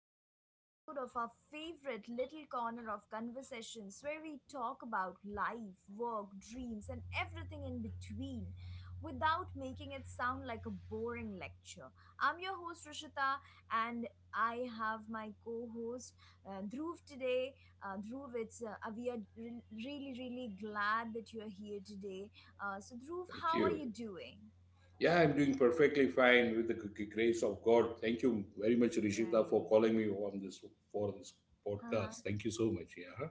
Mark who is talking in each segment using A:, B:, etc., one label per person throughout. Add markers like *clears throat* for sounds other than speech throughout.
A: another episode of our favorite little corner of conversations where we talk about life, work, dreams, and everything in between without making it sound like a boring lecture. I'm your host, Rishita, and I have my co host, Dhruv, today. Dhruv, it's, really, really glad that you're here today. So, Dhruv,
B: Thank
A: how are
B: you.
A: you doing?
B: Yeah, I'm doing perfectly fine with the grace of God. Thank you very much, Rishita,
A: Right.
B: for calling me on this for this
A: Haha.
B: podcast. Thank you so much. Yeah. Huh?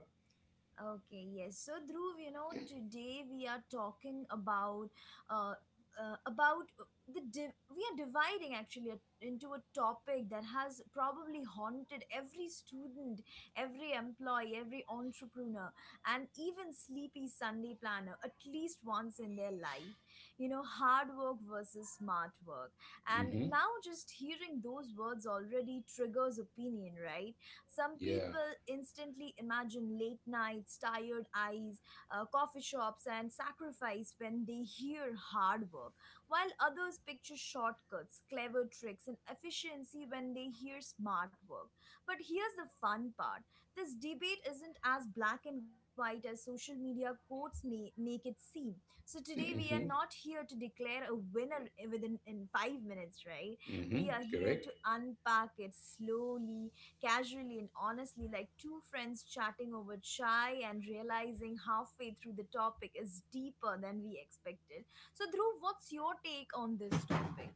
A: Okay, yes. So, Dhruv, today we are talking uh, about we are dividing actually into a topic that has probably haunted every student, every employee, every entrepreneur, and even sleepy Sunday planner at least once in their life. You know, hard work versus smart work. And
B: Mm-hmm.
A: now, just hearing those words already triggers opinion, right? Some
B: Yeah.
A: people instantly imagine late nights, tired eyes, coffee shops, and sacrifice when they hear hard work, while others picture shortcuts, clever tricks, and efficiency when they hear smart work. But here's the fun part, this debate isn't as black and white as social media quotes may make it seem. So today we are
B: Mm-hmm.
A: not here to declare a winner within in 5 minutes, right? We are
B: Mm-hmm.
A: here
B: Correct.
A: to unpack it slowly, casually and honestly, like two friends chatting over chai and realizing halfway through the topic is deeper than we expected. So, Dhruv, what's your take on this topic?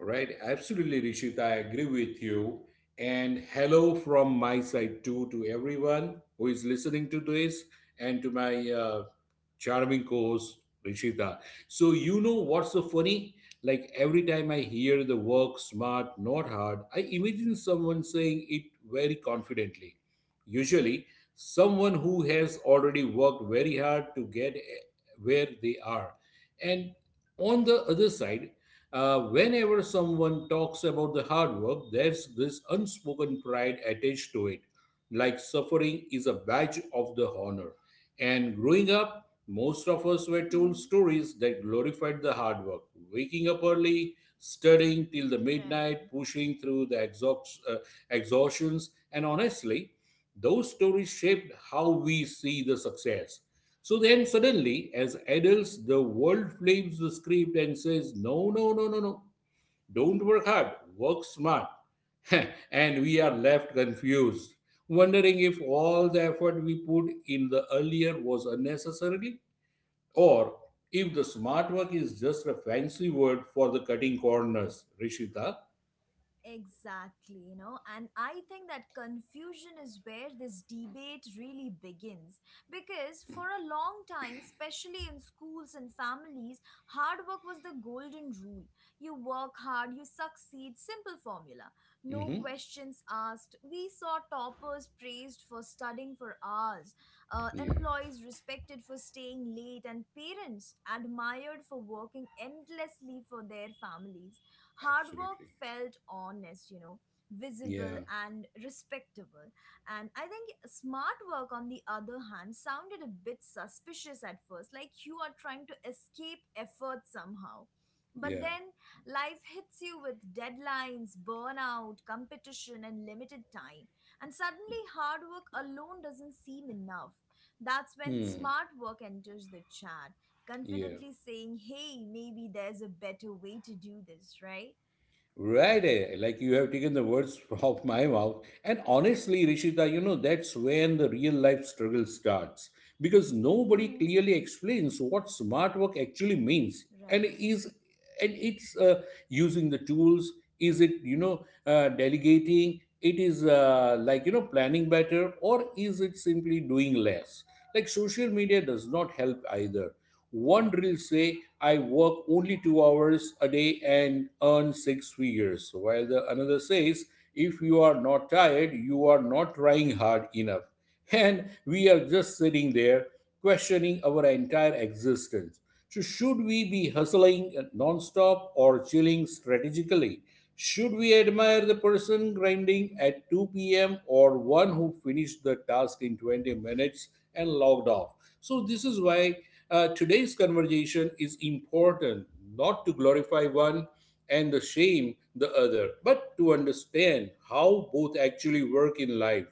B: Right. Absolutely, Rishita. I agree with you. And hello from my side too to everyone who is listening to this and to my charming course, Rishita. So you know what's so funny? Like every time I hear the work smart, not hard, I imagine someone saying it very confidently. Usually, someone who has already worked very hard to get where they are. And on the other side, whenever someone talks about the hard work, there's this unspoken pride attached to it, like suffering is a badge of the honor. And growing up, most of us were told
A: Hmm.
B: stories that glorified the hard work: waking up early, studying till the
A: Right.
B: midnight, pushing through the exhaustions, and honestly, those stories shaped how we see the success. So then, suddenly, as adults, the world flips the script and says, "No, no, no, no, no, don't
A: Hmm.
B: work hard, work smart." *laughs* And we are left confused, wondering if all the effort we put in the earlier was unnecessary, or if the smart work is just a fancy word for the cutting corners, Rishita.
A: Exactly, you know, and I think that confusion is where this debate really begins. Because for a long time, especially in schools and families, hard work was the golden rule. You work hard, you succeed, simple formula. No
B: Mm-hmm.
A: questions asked. We saw toppers praised for studying for hours,
B: Yeah,
A: employees respected for staying late, and parents admired for working endlessly for their families. Hard work
B: absolutely.
A: felt honest, you know, visible
B: Yeah,
A: and respectable. And I think smart work, on the other hand, sounded a bit suspicious at first, like you are trying to escape effort somehow. But
B: yeah.
A: then life hits you with deadlines, burnout, competition, and limited time. And suddenly, hard work alone doesn't seem enough. That's when
B: Mm,
A: smart work enters the chat
B: yeah.
A: confidently saying, hey, maybe there's a better way to do this, right?
B: Right, like you have taken the words *laughs* from my mouth. And honestly, Rishita, that's when the real life struggle starts, because nobody
A: Hmm.
B: clearly explains what smart work actually means and
A: Right.
B: is. And it's, using the tools, is it, delegating, it is, like, planning better, or is it simply doing less? Like, social media does not help either. One will say, "I work only 2 hours a day and earn six figures," while the another says, "If you are not tired, you are not trying hard enough." And we are just sitting there questioning our entire existence. So, should we be hustling nonstop or chilling strategically? Should we admire the person grinding at 2 p.m., or one who finished the task in 20 minutes and logged off? So, this is why today's conversation is important: not to glorify one and the shame the other, but to understand how both actually work in life.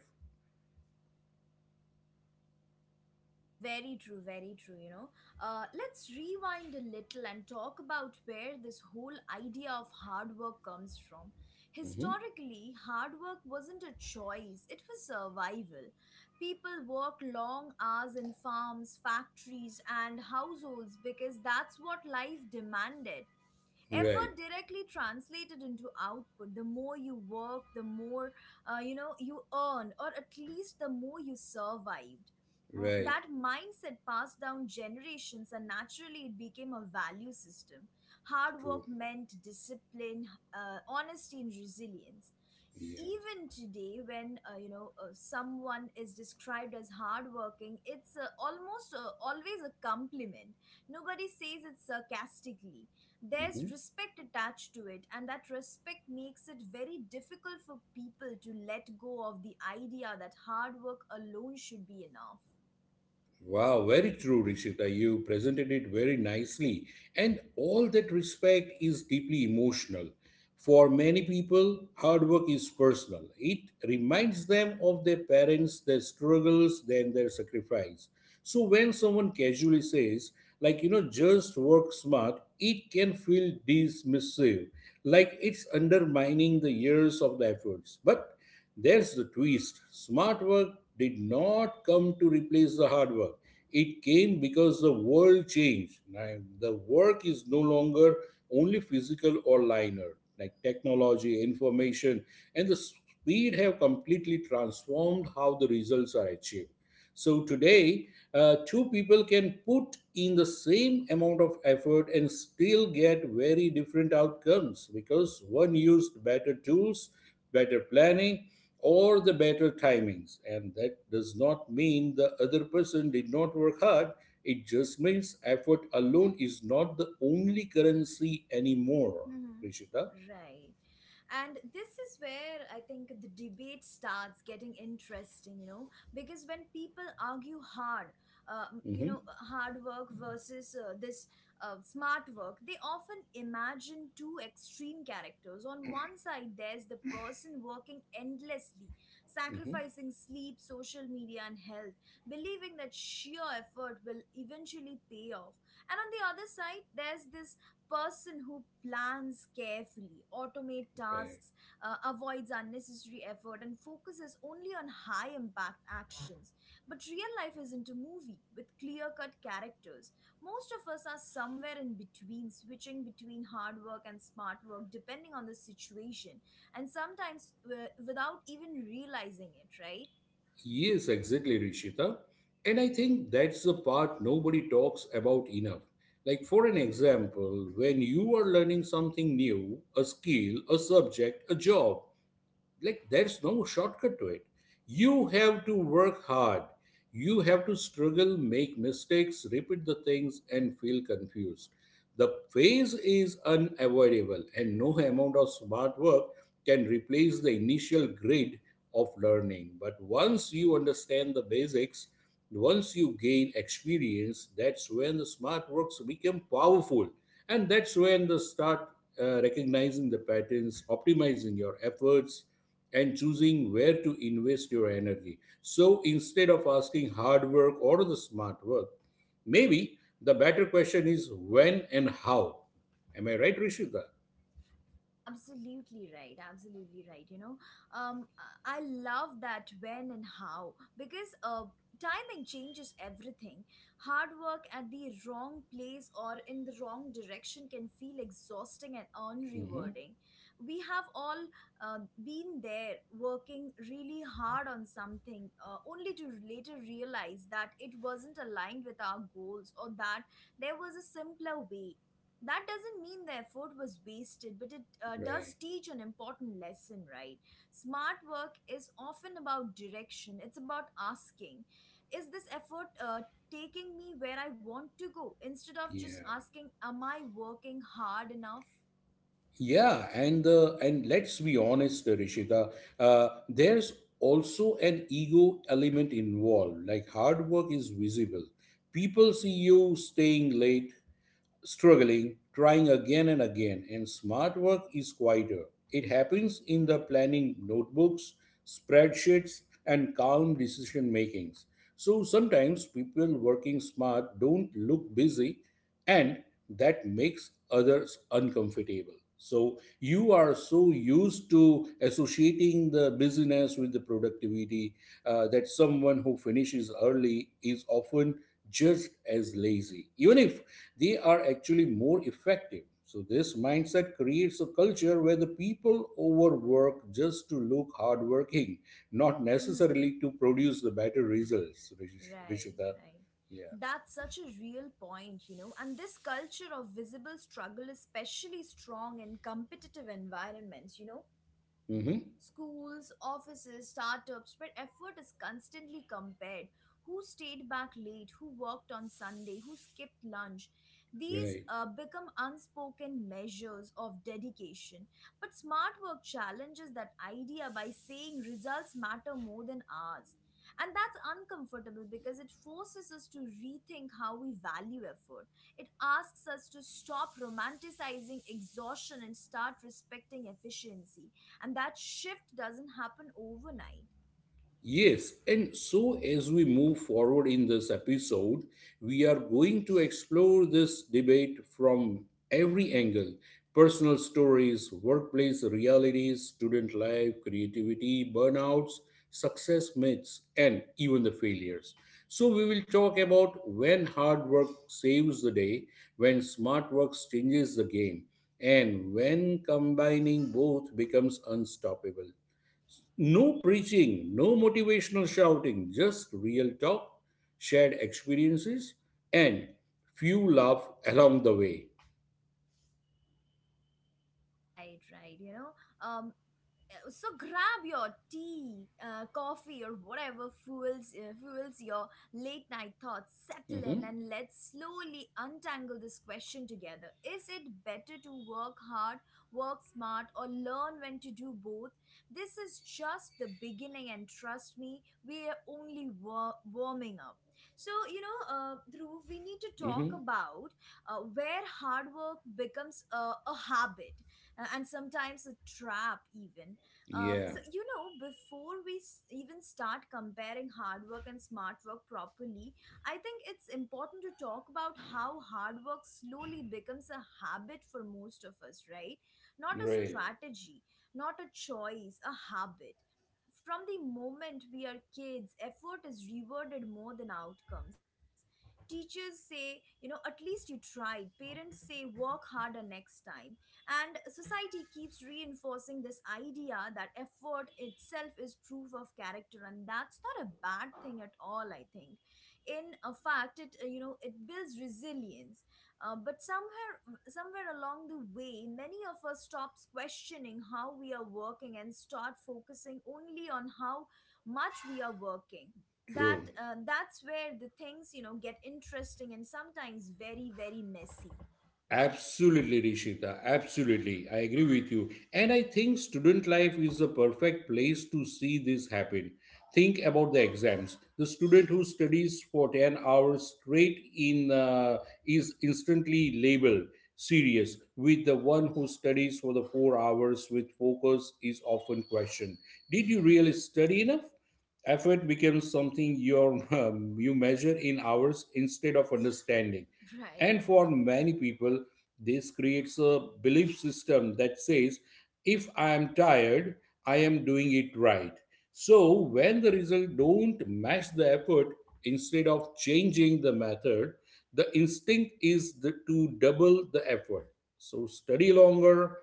A: Very true, you know. Let's rewind a little and talk about where this whole idea of hard work comes from.
B: Mhm.
A: Historically, hard work wasn't a choice, it was survival. People worked long hours in farms, factories, and households because that's what life demanded. Effort
B: Right,
A: directly translated into output, the more you work the more you know you earn, or at least the more you survived. Uh,
B: right,
A: that mindset passed down generations and naturally it became a value system. Hard
B: true.
A: work meant discipline, honesty and resilience.
B: Yeah.
A: Even today when you know someone is described as hardworking, it's almost always a compliment. Nobody says it sarcastically. There's
B: Mhm.
A: respect attached to it, and that respect makes it very difficult for people to let go of the idea that hard work alone should be enough.
B: Wow, very true, Rishita. You presented it very nicely. And all that respect is deeply emotional. For many people, hard work is personal. It reminds them of their parents, their struggles, then their sacrifice. So when someone casually says, like, "just work smart," it can feel dismissive, like it's undermining the years of the efforts. But there's the twist. Smart work did not come to replace the hard work. It came because the world changed. Now, the work is no longer only physical or linear. Like technology, information, and the speed have completely transformed how the results are achieved. So today, two people can put in the same amount of effort and still get very different outcomes, because one used better tools, better planning, or the better timings. And that does not mean the other person did not work hard. It just means effort alone is not the only currency anymore.
A: Hmm.
B: Rishita?
A: Right. And this is where I think the debate starts getting interesting, you know, because when people argue hard,
B: Mm-hmm.
A: hard work versus this smart work, they often imagine two extreme characters. On one side, there's the person working endlessly,
B: Mm-hmm.
A: sacrificing sleep, social media, and health, believing that sheer effort will eventually pay off. And on the other side, there's this person who plans carefully, automate
B: Right.
A: tasks, avoids unnecessary effort, and focuses only on high impact actions. But real life isn't a movie with clear cut characters. Most of us are somewhere in between, switching between hard work and smart work depending on the situation, and sometimes without even realizing it, right?
B: Yes, exactly, Rishita. And I think that's the part nobody talks about enough. Like, for an example, when you are learning something new, a skill, a subject, a job, like there's no shortcut to it. You have to work hard, you have to struggle, make mistakes, repeat the things, and feel confused. The phase is unavoidable, and no amount of smart work can replace the initial grid of learning. But once you understand the basics, once you gain experience, that's when the smart works become powerful, and that's when the start, recognizing the patterns, optimizing your efforts, and choosing where to invest your energy. So instead of asking hard work or the smart work, maybe the better question is when and how. Am I right, Rishita?
A: Absolutely right. Absolutely right. You know, um, I love that when and how because timing changes everything. Hard work at the wrong place or in the wrong direction can feel exhausting and
B: Hmm.
A: unrewarding. We have all been there working really hard on something only to later realize that it wasn't aligned with our goals, or that there was a simpler way. That doesn't mean the effort was wasted, but it does
B: Right.
A: teach an important lesson, right? Smart work is often about direction, it's about asking, is this effort taking me where I want to go? Instead of just
B: Yeah.
A: asking, am I working hard enough?
B: Yeah, and let's be honest, Rishita. There's also an ego element involved. Like, hard work is visible. People see you staying late, struggling, trying again and again, and smart work is quieter. It happens in the planning notebooks, spreadsheets, and calm decision makings. So sometimes people working smart don't look busy, and that makes others uncomfortable. So you are so used to associating the busyness with the productivity, that someone who finishes early is often just as lazy, even if they are actually more effective. So, this mindset creates a culture where the people overwork just to look hardworking, not
A: Hmm.
B: necessarily to produce the better results,
A: Right,
B: Rishita.
A: right.
B: Yeah.
A: That's such a real point, you know. And this culture of visible struggle is especially strong in competitive environments, you know.
B: Hmm.
A: Schools, offices, startups, where effort is constantly compared. Who stayed back late? Who worked on Sunday? Who skipped lunch? These
B: Right.
A: become unspoken measures of dedication. But smart work challenges that idea by saying results matter more than hours. And that's uncomfortable because it forces us to rethink how we value effort. It asks us to stop romanticizing exhaustion and start respecting efficiency, and that shift doesn't happen overnight.
B: Yes, and so as we move forward in this episode, we are going to explore this debate from every angle: personal stories, workplace realities, student life, creativity, burnouts, success myths, and even the failures. So, we will talk about when hard work saves the day, when smart work changes the game, and when combining both becomes unstoppable. No preaching, no motivational shouting, just real talk, shared experiences, and few laugh along the way.
A: Right, right, you know, um. So grab your tea, coffee or whatever fuels fuels your late night thoughts, settle
B: Mm-hmm.
A: in, and let's slowly untangle this question together. Is it better to work hard, work smart, or learn when to do both? This is just the beginning, and trust me, we are only warming up. So you know, Dhruv, we need to talk
B: Mm-hmm.
A: about where hard work becomes a habit, and sometimes a trap even. Um,
B: Yeah,
A: so you know, before we even start comparing hard work and smart work properly, I think it's important to talk about how hard work slowly becomes a habit for most of us, right? Not a
B: right.
A: strategy, not a choice, a habit. From the moment we are kids, effort is rewarded more than outcomes. Teachers say, you know, at least you tried. Parents say, work harder next time. And society keeps reinforcing this idea that effort itself is proof of character, and that's not a bad thing at all, I think. In a fact, it you know it builds resilience. But somewhere along the way, many of us stops questioning how we are working and start focusing only on how much we are working. that
B: True.
A: uh, that's where the things you know get interesting, and sometimes very very messy.
B: Absolutely, Rishita. Absolutely. I agree with you. And I think student life is a perfect place to see this happen. Think about the exams. The student who studies for 10 hours straight in is instantly labeled serious, with the one who studies for the 4 hours with focus is often questioned. Did you really study enough? Effort becomes something *laughs* you measure in hours instead of understanding.
A: *laughs*
B: And
A: right.
B: for many people, this creates a belief system that says, if I am tired, I am doing it right. So when the result don't match the effort, instead of changing the method, the instinct is to double the effort. So, study longer,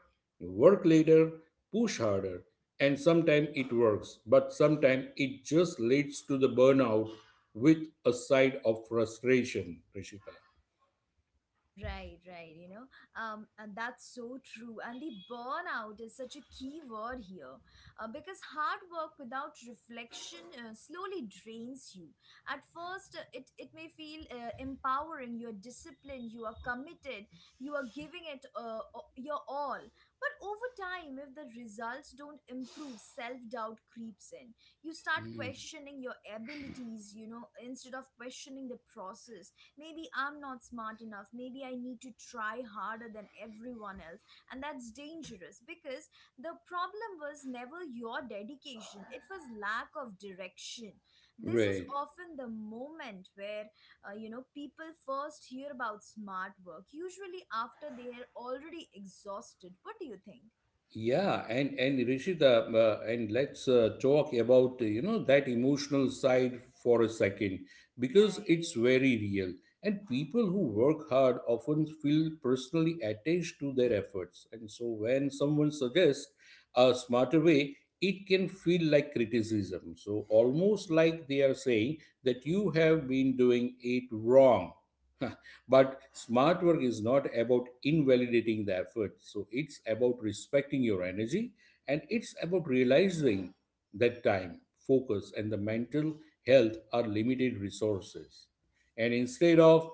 B: work later, push harder, and sometimes it works, but sometimes it just leads to the burnout with a side of frustration, Rishika.
A: Right, right. You know, and that's so true. And the burnout is such a key word here, because hard work without reflection slowly drains you. At first, it may feel empowering. You are disciplined. You are committed. You are giving it your all. But over time, if the results don't improve, self doubt creeps in. You start questioning your abilities. You know, instead of questioning the process, maybe I'm not smart enough, maybe I need to try harder than everyone else. And that's dangerous because the problem was never your dedication, it was lack of direction. This is
B: Right.
A: often the moment where, you know, people first hear about smart work, usually after they are already exhausted. What do you think?
B: Yeah, and Rishita, and let's, talk about, that emotional side for a second, because it's
A: Right.
B: very real. And people who work hard often feel personally attached to their efforts. And so when someone suggests a smarter way, it can feel like criticism. So almost like they are saying that you have been doing it wrong. *laughs* But smart work is not about invalidating the effort. So it's about respecting your energy, and it's about realizing that time, focus, and the mental health are limited resources. And instead of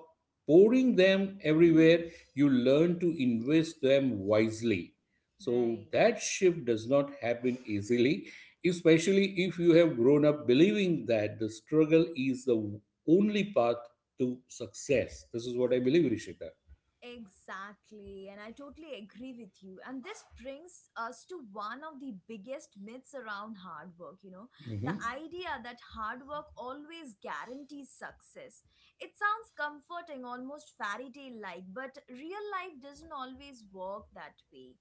B: pouring them everywhere,
A: Mhm.
B: you learn to invest them wisely, so
A: Right.
B: that shift does not happen easily, especially if you have grown up believing that the struggle is the only path to success. This is what I believe, Rishita.
A: Exactly, and I totally agree with you. And this brings us to one of the biggest myths around hard work, you know, the
B: Mm-hmm.
A: idea that hard work always guarantees success. It sounds comforting, almost fairy tale like, but real life doesn't always work that way.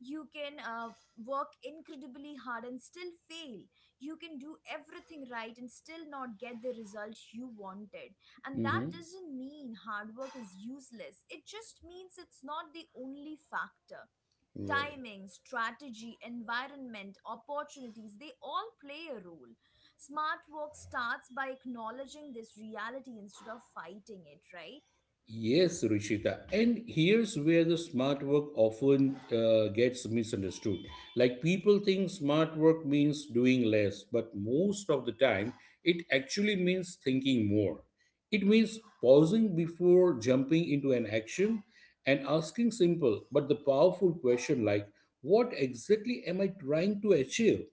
A: You can work incredibly hard and still fail, you can do everything right and still not get the result you wanted. And that
B: Mm-hmm.
A: doesn't mean hard work is useless, it just means it's not the only factor.
B: Right.
A: Timing, strategy, environment, opportunities, they all play a role. Smart work starts by acknowledging this reality instead of fighting it, right?
B: Yes, Ruchita. And here's where the smart work often gets misunderstood. Like, people think smart work means doing less, but most of the time it actually means thinking more. It means pausing before jumping into an action, and asking simple but the powerful question, like, what exactly am I trying to achieve?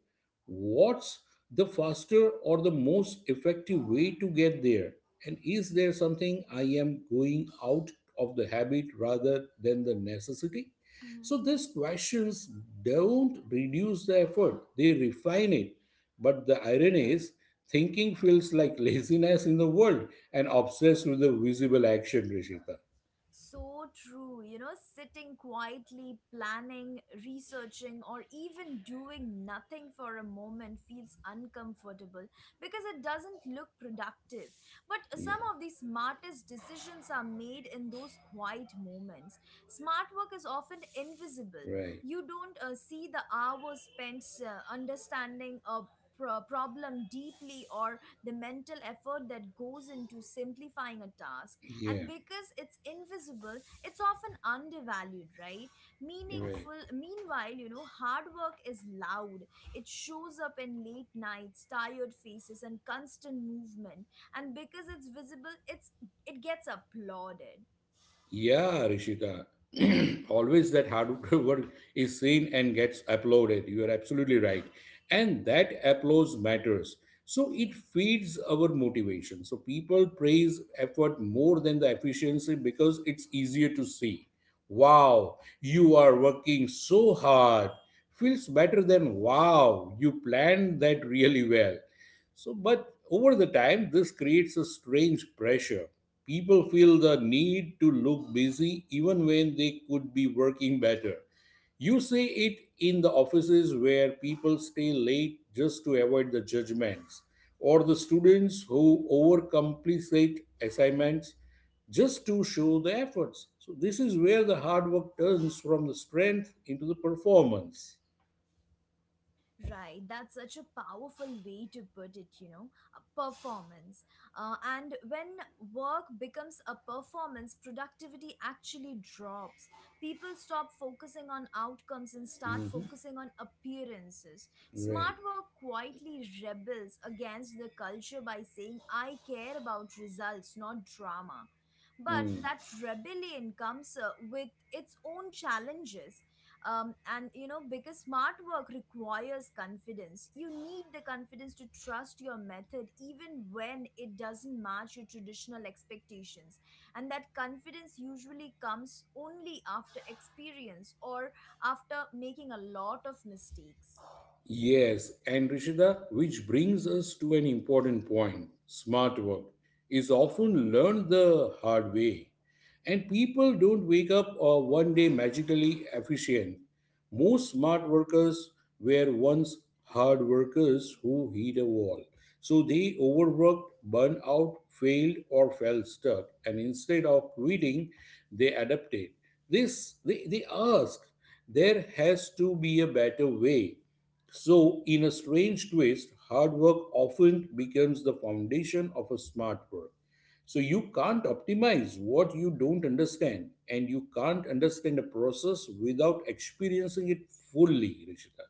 B: What's the faster or the most effective way to get there? And is there something I am going out of the habit rather than the necessity? So these questions don't reduce the effort, they refine it. But the irony is, thinking feels like *laughs* laziness in the world and obsessed with the visible action, Rishita.
A: So true, you know, sitting quietly, planning, researching, or even doing nothing for a moment feels uncomfortable because it doesn't look productive. But
B: Yeah.
A: some of the smartest decisions are made in those quiet moments. Smart work is often invisible.
B: Right.
A: You don't see the hours spent understanding a problem deeply, or the mental effort that goes into simplifying a task, and
B: Yeah.
A: because it's invisible it's often undervalued, right?
B: Right.
A: Meaningful meanwhile you know hard work is loud, it shows up in late nights, tired faces and constant movement, and because it's visible it gets applauded.
B: Yeah, Rishika. *clears throat* Always that hard *laughs* work is seen and gets applauded. You are absolutely right. And that applause matters. So it feeds our motivation. So people praise effort more than the efficiency, because it's easier to see. "Wow, you are working so hard" feels better than "wow, you planned that really well." So, but over the time, this creates a strange pressure. People feel the need to look busy even when they could be working better. You see it in the offices where people stay late just to avoid the judgments, or the students who overcomplicate assignments just to show the efforts. So, this is where the hard work turns from the strength into the performance.
A: Right, that's such a powerful way to put it, you know, a performance. And when work becomes a performance, productivity actually drops. People stop focusing on outcomes and start
B: Mhm.
A: focusing on appearances.
B: Right.
A: Smart work quietly rebels against the culture by saying, I care about results, not drama. But that rebellion comes with its own challenges, and you know because smart work requires confidence. You need the confidence to trust your method even when it doesn't match your traditional expectations, and that confidence usually comes only after experience, or after making a lot of mistakes.
B: Yes, and Rishida, which brings us to an important point. Smart work is often learned the hard way, and people don't wake up, one day magically efficient. Most smart workers were once hard workers who hit a wall. So they overworked, burned out, failed, or fell stuck. And instead of quitting, they adapted. They asked, there has to be a better way. So, in a strange twist, hard work often becomes the foundation of a smart work. So, you can't optimize what you don't understand, and you can't understand a process without experiencing it fully, Rishita.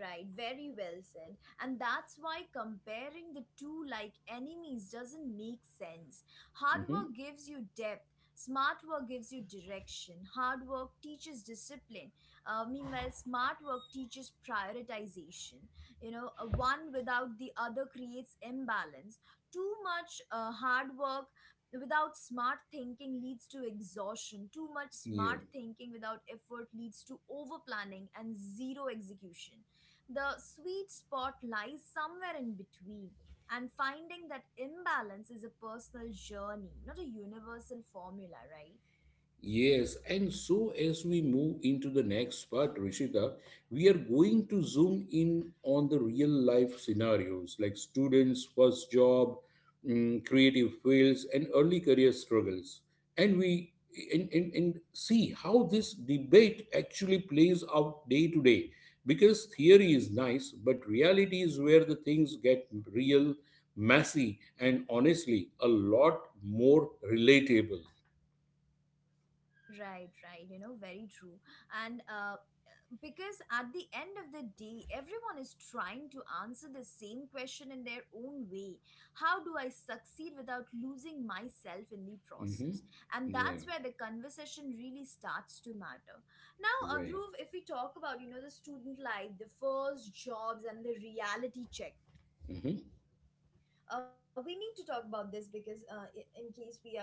A: Right, very well said. And that's why comparing the two like enemies doesn't make sense. Hard
B: Hmm.
A: work gives you depth, smart work gives you direction, hard work teaches discipline. Meanwhile, smart work teaches prioritization. One without the other creates imbalance. Too much hard work without smart thinking leads to exhaustion. Too much
B: Yeah.
A: smart thinking without effort leads to over planning and zero execution. The sweet spot lies somewhere in between, and finding that imbalance is a personal journey, not a universal formula, right?
B: Yes, and so as we move into the next part, Rishita, we are going to zoom in on the real life scenarios like students' first job, creative fields, and early career struggles. And we and see how this debate actually plays out day to day. Because theory is nice, but reality is where the things get real, messy, and honestly, a lot more relatable.
A: Right, right, very true. And because at the end of the day, everyone is trying to answer the same question in their own way. How do I succeed without losing myself in the
B: Mm-hmm.
A: process? And
B: Yeah,
A: that's where the conversation really starts to matter. Now
B: you're right.
A: Adhruv, if we talk about the student life, the first jobs, and the reality check,
B: Mm-hmm.
A: we need to talk about this because in case we are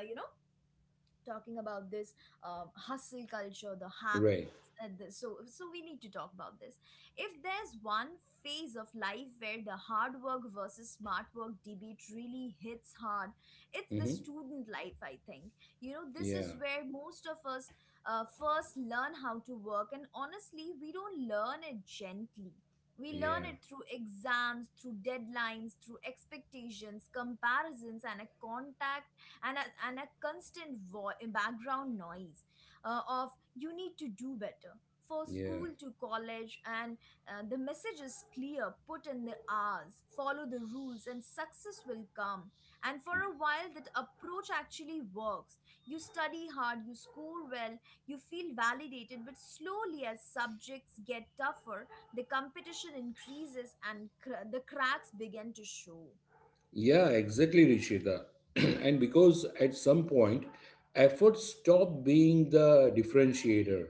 A: talking about this, hustle culture, the
B: You're
A: hacks,
B: right.
A: so we need to talk about this. If there's one phase of life where the hard work versus smart work debate really hits hard, it's the
B: Mm-hmm.
A: student life. I think you know this
B: Yeah,
A: is where most of us first learn how to work, and honestly, we don't learn it gently. We learn
B: yeah,
A: it through exams, through deadlines, through expectations, comparisons, and a contact and a constant background noise of you need to do better. For
B: yeah.
A: school to college, and the message is clear: put in the hours, follow the rules, and success will come. And for a while that approach actually works. You study hard, you score well, you feel validated, but slowly as subjects get tougher, the competition increases and the cracks begin to show.
B: Yeah, exactly, Rishita. *clears throat* And because at some point, effort stop being the differentiator.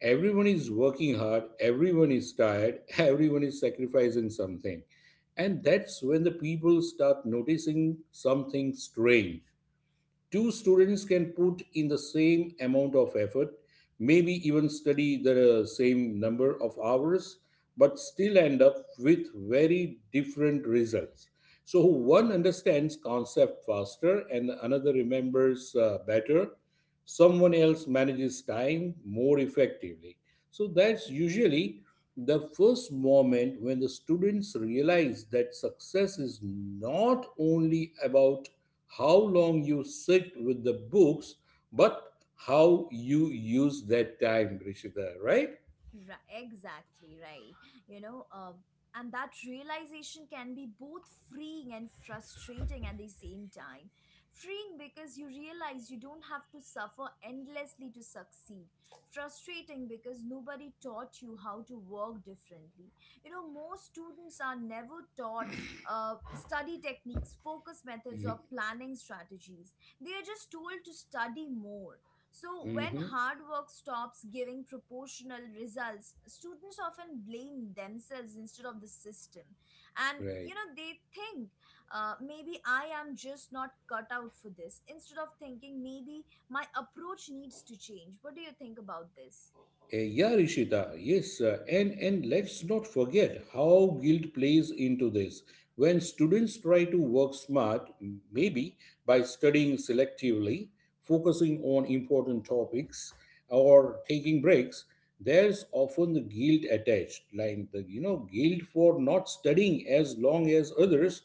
B: Everyone is working hard, everyone is tired, *laughs* everyone is sacrificing something. And that's when the people start noticing something strange. Two students can put in the same amount of effort, maybe even study the same number of hours, but still end up with very different results. So one understands concept faster and another remembers better. Someone else manages time more effectively. So that's usually the first moment when the students realize that success is not only about how long you sit with the books, but how you use that time, Rishita, right?
A: Right, exactly right. You know, um, and that realization can be both freeing and frustrating at the same time. Freeing because you realize you don't have to suffer endlessly to succeed. Frustrating because nobody taught you how to work differently. You know, most students are never taught study techniques, focus methods, or planning strategies. They are just told to study more. So when
B: Mm-hmm.
A: hard work stops giving proportional results, students often blame themselves instead of the system. And, you
B: Right.
A: know, they think maybe I am just not cut out for this, instead of thinking maybe my approach needs to change. What do you think about this?
B: Yeah, Rishita, yes, and let's not forget how guilt plays into this. When students try to work smart, maybe by studying selectively, focusing on important topics, or taking breaks, there's often the guilt attached, like the guilt for not studying as long as others,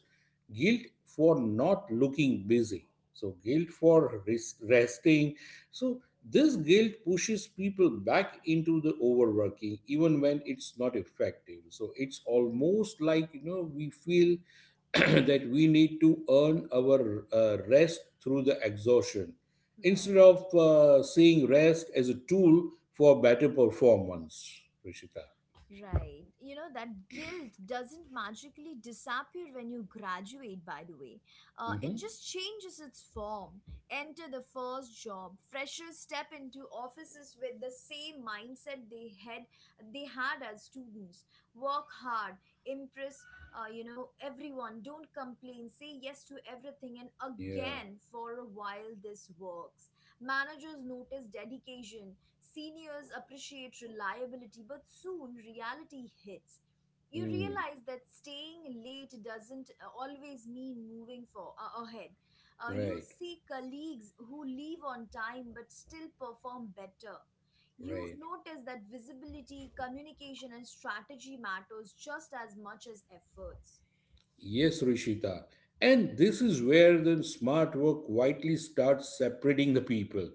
B: guilt for not looking busy, so guilt for resting. So this guilt pushes people back into the overworking even when it's not effective. So it's
A: Hmm.
B: almost like we feel *clears throat* that we need to earn our rest through the exhaustion instead
A: Right.
B: of seeing rest as a tool for better performance, Rishita.
A: Right. You know, that guilt doesn't magically disappear when you graduate, by the way. It
B: Hmm.
A: just changes its form. Enter the first job. Freshers step into offices with the same mindset they had as students. Work hard, impress everyone. Don't complain. Say yes to everything. And
B: Yeah.
A: again, for a while this works. Managers notice dedication. Seniors appreciate reliability, but soon reality hits. You
B: Hmm.
A: realize that staying late doesn't always mean moving for ahead. You
B: Right.
A: see colleagues who leave on time but still perform better. You
B: Right.
A: notice that visibility, communication, and strategy matters just as much as efforts.
B: Yes, Rishita. And this is where the smart work quietly starts separating the people,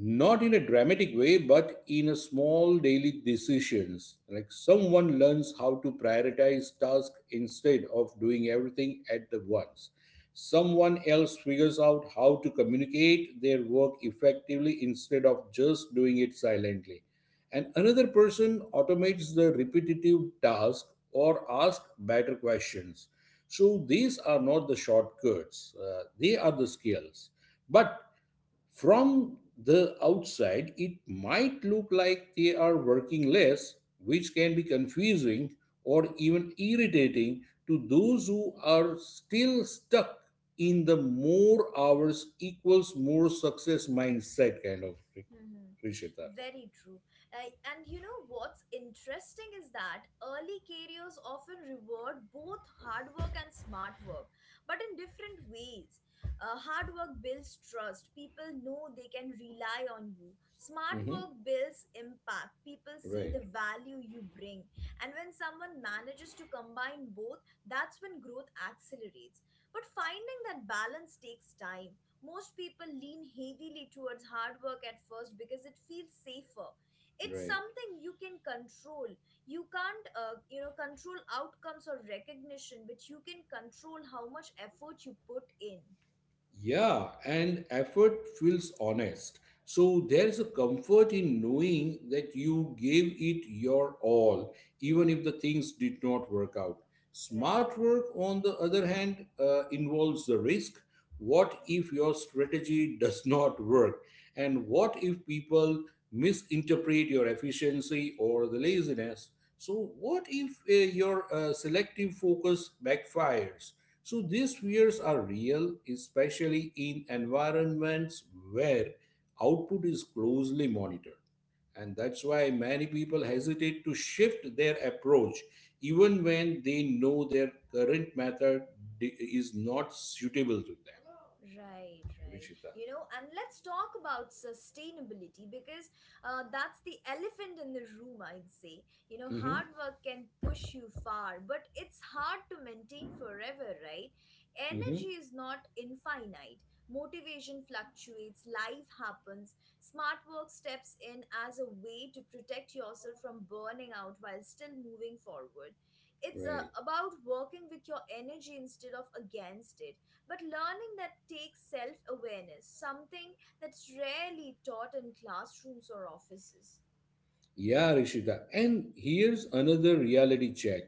B: not in a dramatic way but in a small daily decisions. Like someone learns how to prioritize tasks instead of doing everything at the once, someone else figures out how to communicate their work effectively instead of just doing it silently, and another person automates the repetitive task or asks better questions. So these are not the shortcuts, they are the skills. But from the outside, it might look like they are working less, which can be confusing or even irritating to those who are still stuck in the more hours equals more success mindset kind of thing,
A: Hmm.
B: Rishita.
A: Very true. Uh, and you know what's interesting is that early careers often reward both hard work and smart work, but in different ways. Hard work builds trust, people know they can rely on you. Smart
B: Mm-hmm.
A: work builds impact, people see
B: Right,
A: the value you bring. And when someone manages to combine both, that's when growth accelerates. But finding that balance takes time. Most people lean heavily towards hard work at first because it feels safer. It's
B: right.
A: something you can control. You can't, control outcomes or recognition, but you can control how much effort you put in.
B: Yeah, and effort feels honest. So there is a comfort in knowing that you gave it your all, even
A: Hmm.
B: if the things did not work out.
A: Right.
B: Smart work, on the other hand, involves the risk. What if your strategy does not work? And what if people misinterpret your efficiency or the laziness? So, what if your selective focus backfires? So these fears are real, especially in environments where output is closely monitored. And that's why many people hesitate to shift their approach, even when they know their current method is not suitable to them,
A: Right, right.
B: Rishita.
A: And let's talk about sustainability because that's the elephant in the room, I'd say. You know,
B: Mm-hmm.
A: hard work can push you far, but it's hard to maintain forever, right?
B: Mm-hmm.
A: Energy is not infinite. Motivation fluctuates, life happens. Smart work steps in as a way to protect yourself from burning out while still moving forward. It's
B: Right.
A: about working with your energy instead of against it, but learning that takes self awareness, something that's rarely taught in classrooms or offices.
B: Yeah, Rishita. And here's another reality check.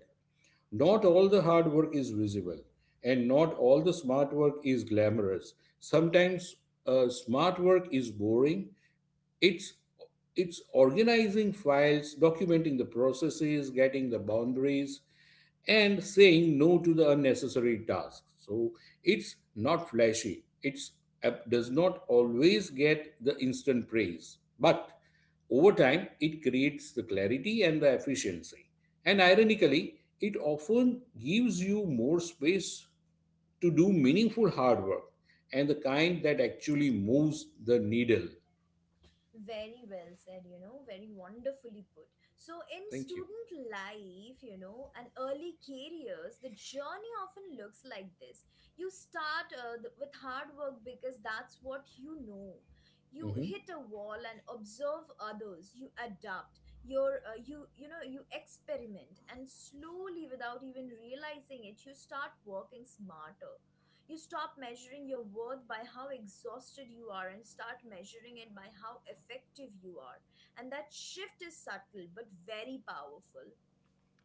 B: Not all the hard work is visible, and not all the smart work is glamorous. Sometimes smart work is boring. It's it's organizing files, documenting the processes, getting the boundaries, and saying no to the unnecessary tasks. So it's not flashy. It's app does not always get the instant praise, but over time it creates the clarity and the efficiency. And ironically, it often gives you more space to do meaningful hard work, and the kind that actually moves the needle.
A: Very well said, you know, very wonderfully put. So, in
B: Thank you.
A: student life, you know, and early careers, the journey often looks like this. You start with hard work because that's what you know. You
B: Mhm.
A: hit a wall and observe others. You adapt. Your you you know you experiment, and slowly, without even realizing it, you start working smarter. You stop measuring your worth by how exhausted you are and start measuring it by how effective you are. And that shift is subtle but very powerful.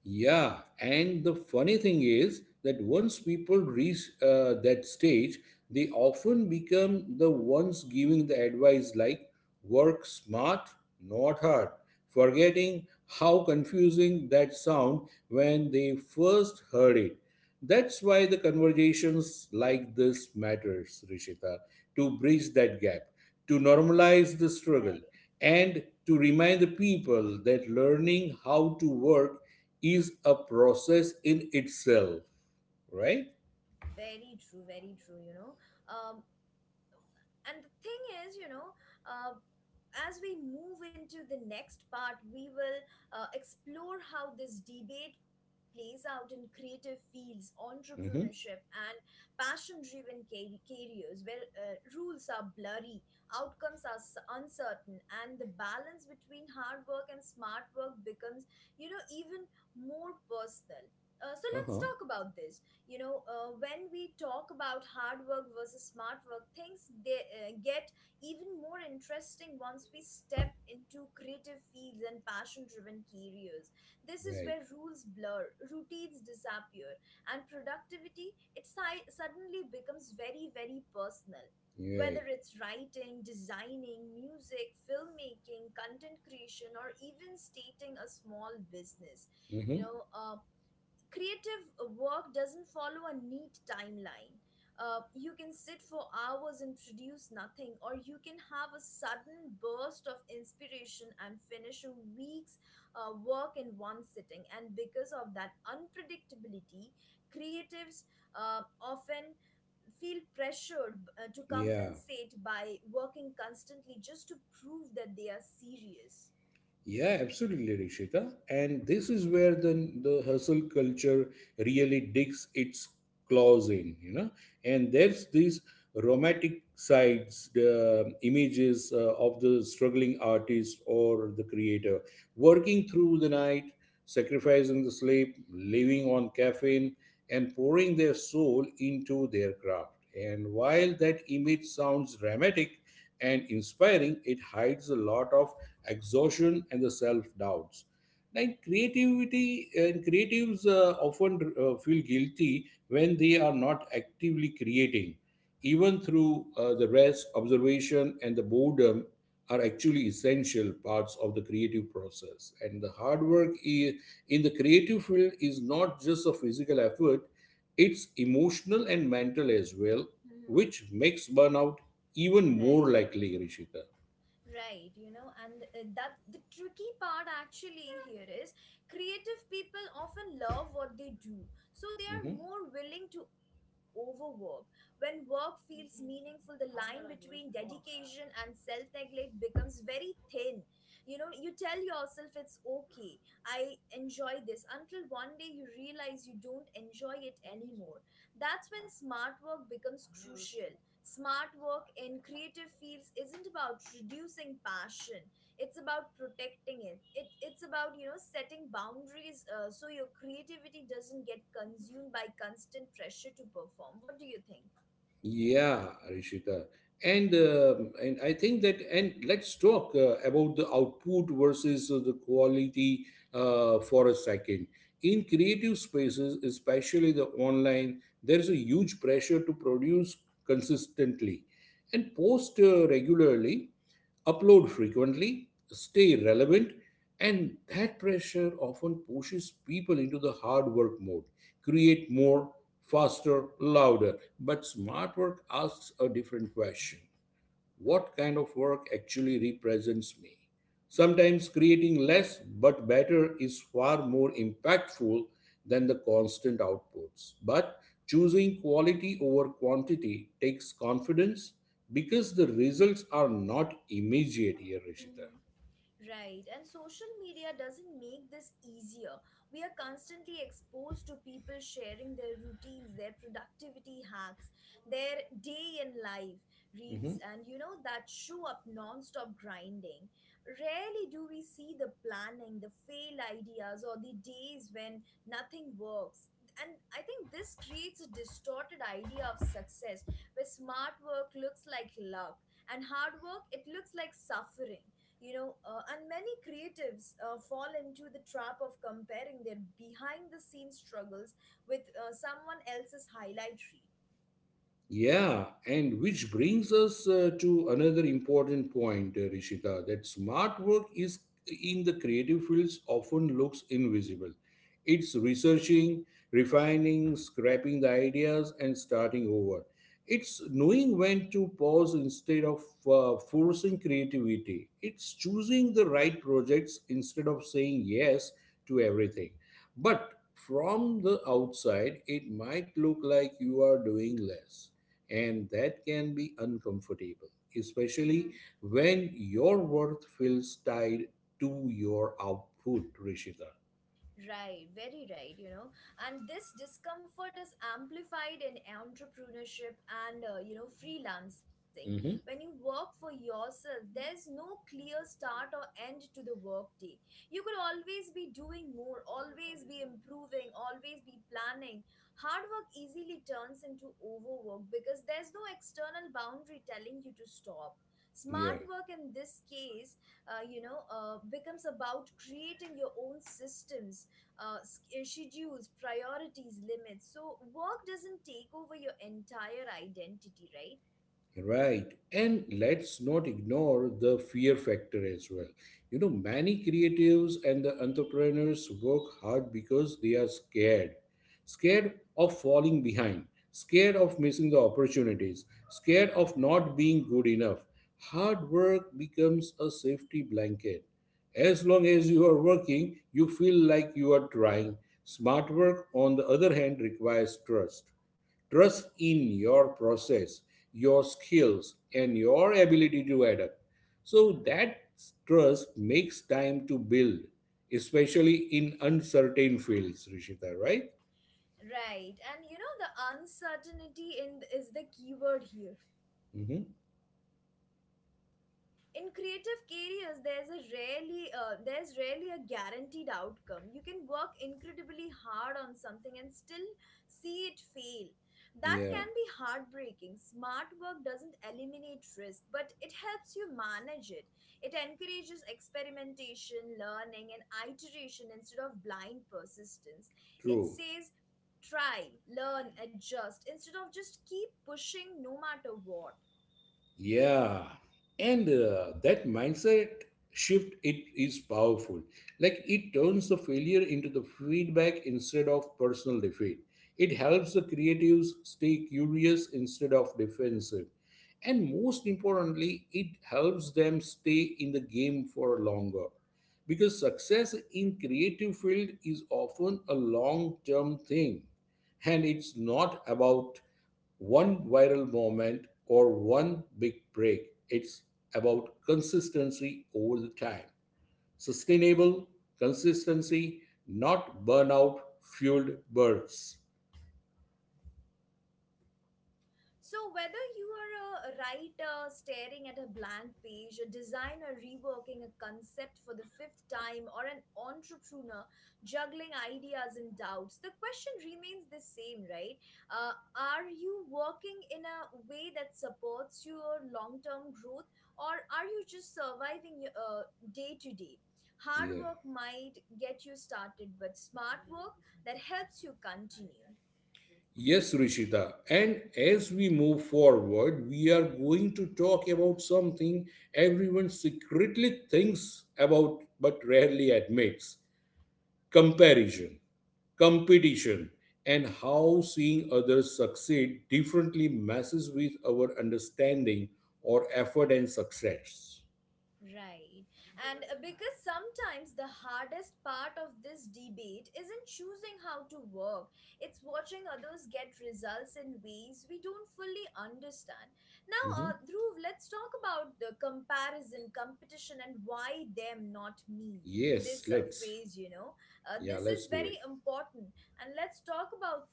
B: Yeah, and the funny thing is that once people reach that stage, they often become the ones giving the advice like work smart, not hard, forgetting how confusing that sound when they first heard it. That's why the conversations like this matters, Rishita, to bridge that gap, to normalize the struggle,
A: Right.
B: and to remind the people that learning how to work is a process in itself, right?
A: Very true, you know. Um, and the thing is, you know, uh, as we move into the next part, we will explore how this debate plays out in creative fields, entrepreneurship,
B: Mm-hmm.
A: and passion driven careers, where rules are blurry, outcomes are uncertain, and the balance between hard work and smart work becomes, you know, even more personal. So let's
B: Uh-huh.
A: talk about this. When we talk about hard work versus smart work, things they get even more interesting once we step into creative fields and passion driven careers. This is
B: Right.
A: where rules blur, routines disappear, and productivity, it suddenly becomes very, very personal.
B: Right.
A: Whether it's writing, designing, music, filmmaking, content creation, or even stating a small business. You
B: Mm-hmm.
A: know, um, Creative work doesn't follow a neat timeline. You can sit for hours and produce nothing, or you can have a sudden burst of inspiration and finish a week's work in one sitting. And because of that unpredictability, creatives often feel pressured to
B: Yeah.
A: compensate by working constantly just to prove that they are serious.
B: Yeah, absolutely, Rishita. And this is where the hustle culture really digs its claws in, you know. And there's these romantic sides, the images of the struggling artist or the creator working through the night, sacrificing the sleep, living on caffeine, and pouring their soul into their craft. And while that image sounds dramatic and inspiring, it hides a lot of exhaustion and the self doubts. Like creativity and creatives often feel guilty when they are not actively creating, even through the rest, observation and the boredom are actually essential parts of the creative process. And the hard work in the creative field is not just a physical effort, it's emotional and mental as well,
A: Hmm.
B: which makes burnout even more
A: Right.
B: likely, Rishita.
A: Right, you know, and that the tricky part actually here is creative people often love what they do, so they are
B: Mhm.
A: more willing to overwork. When work feels meaningful, the line between dedication and self neglect becomes very thin. You know, you tell yourself it's okay, I enjoy this, until one day you realize you don't enjoy it anymore. That's when smart work becomes crucial. Smart work in creative fields isn't about reducing passion. It's about protecting it. It's about, you know, setting boundaries so your creativity doesn't get consumed by constant pressure to perform. What do you think?
B: Yeah, Rishita. And I think that, and let's talk about the output versus the quality for a second. In creative spaces, especially the online, there is a huge pressure to produce consistently and post regularly, upload frequently, stay relevant, and that pressure often pushes people into the hard work mode. Create more, faster, louder. But smart work asks a different question: what kind of work actually represents me? Sometimes creating less but better is far more impactful than the constant outputs. But choosing quality over quantity takes confidence, because the results are not immediate here, Rishita.
A: Right, and social media doesn't make this easier. We are constantly exposed to people sharing their routines, their productivity hacks, their day in life
B: Mhm.
A: reels, and you know that show up non stop grinding. Rarely do we see the planning, the fail ideas, or the days when nothing works. And I think this creates a distorted idea of success where smart work looks like luck and hard work, it looks like suffering. You know, and many creatives fall into the trap of comparing their behind the scenes struggles with someone else's highlight
B: Yeah, and which brings us to another important point, Rishita, that smart work is in the creative fields often looks invisible. It's researching, refining, scrapping the ideas, and starting over. It's knowing when to pause instead of forcing creativity. It's choosing the right projects instead of saying yes to everything. But from the outside, it might look like you are doing less, and that can be uncomfortable, especially
A: reel.
B: when your worth feels tied to your output, Rishita.
A: Right, very right, you know. And this discomfort is amplified in entrepreneurship and, freelancing. When
B: Mhm.
A: you work for yourself, there's no clear start or end to the workday. You could always be doing more, always be improving, always be planning. Hard work easily turns into overwork because there's no external boundary telling you to stop. Smart
B: Yeah.
A: work in this case, becomes about creating your own systems, schedules, priorities, limits. So work doesn't take over your entire identity, right?
B: Right. And let's not ignore the fear factor as well. You know, many creatives and the entrepreneurs work hard because they are scared. Scared of falling behind, scared of missing the opportunities, scared of not being good enough. Hard work becomes a safety blanket. As long as you are working, you feel like you are trying. Smart work, on the other hand, requires trust. Trust in your process, your skills, and your ability to adapt. So that trust makes time to build, especially in uncertain fields, Rishita, right?
A: Right. And you know the uncertainty in is the keyword here.
B: Hmm.
A: In creative careers, there's a rarely there's rarely a guaranteed outcome. You can work incredibly hard on something and still see it fail. That
B: Yeah,
A: can be heartbreaking. Smart work doesn't eliminate risk, but it helps you manage it. It encourages experimentation, learning, and iteration instead of blind persistence. It
B: true.
A: says try, learn, adjust instead of just keep pushing no matter what.
B: Yeah, and that mindset shift, it is powerful. Like it turns the failure into the feedback instead of personal defeat. It helps the creatives stay curious instead of defensive. And most importantly, it helps them stay in the game for longer. Because success in creative field is often a long-term thing, and it's not about one viral moment or one big break. It's about consistency over the time. Sustainable consistency, not burnout fueled bursts.
A: So, whether you are a writer staring at a blank page, a designer reworking a concept for the fifth time, or an entrepreneur juggling ideas and doubts, the question remains the same, right? Are you working in a way that supports your long term growth, or are you just surviving your, day to day? Hard
B: Yeah.
A: work might get you started, but smart work, that helps you continue.
B: Yes, Rishita. And as we move forward, we are going to talk about something everyone secretly thinks about but rarely admits: comparison, competition, and how seeing others succeed differently messes with our understanding or effort and success.
A: Right. And because sometimes the hardest part of this debate isn't choosing how to work, it's watching others get results in ways we don't fully understand. Now,
B: Mhm.
A: Dhruv, let's talk about the comparison, competition, and why them, not me.
B: Yes,
A: This
B: let's.
A: phase, you know,
B: Yeah,
A: this
B: let's
A: is
B: do it.
A: very important. And let's talk about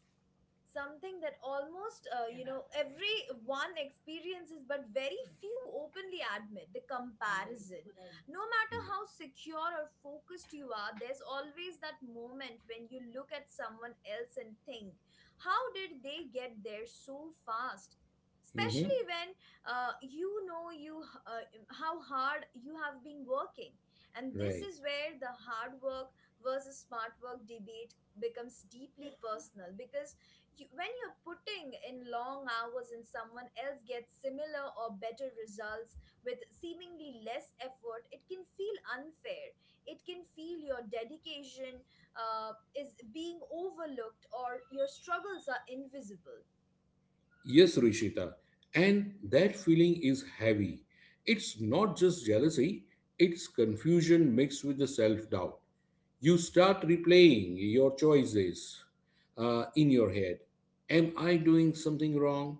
A: something that almost every one experiences, but very few openly admit the comparison. No matter
B: Yeah.
A: how secure or focused you are, there's always that moment when you look at someone else and think, how did they get there so fast,
B: Mhm.
A: especially when uh, you know you h- uh, how hard you have been working. And this
B: Right.
A: is where the hard work versus smart work debate becomes deeply *laughs* personal, because when you're putting in long hours and someone else gets similar or better results with seemingly less effort, it can feel unfair. It can feel your dedication is being overlooked or your struggles are invisible.
B: Yes, Rishita. And that feeling is heavy. It's not just jealousy, it's confusion mixed with the self doubt. You start replaying your choices in your head. Am I doing something wrong?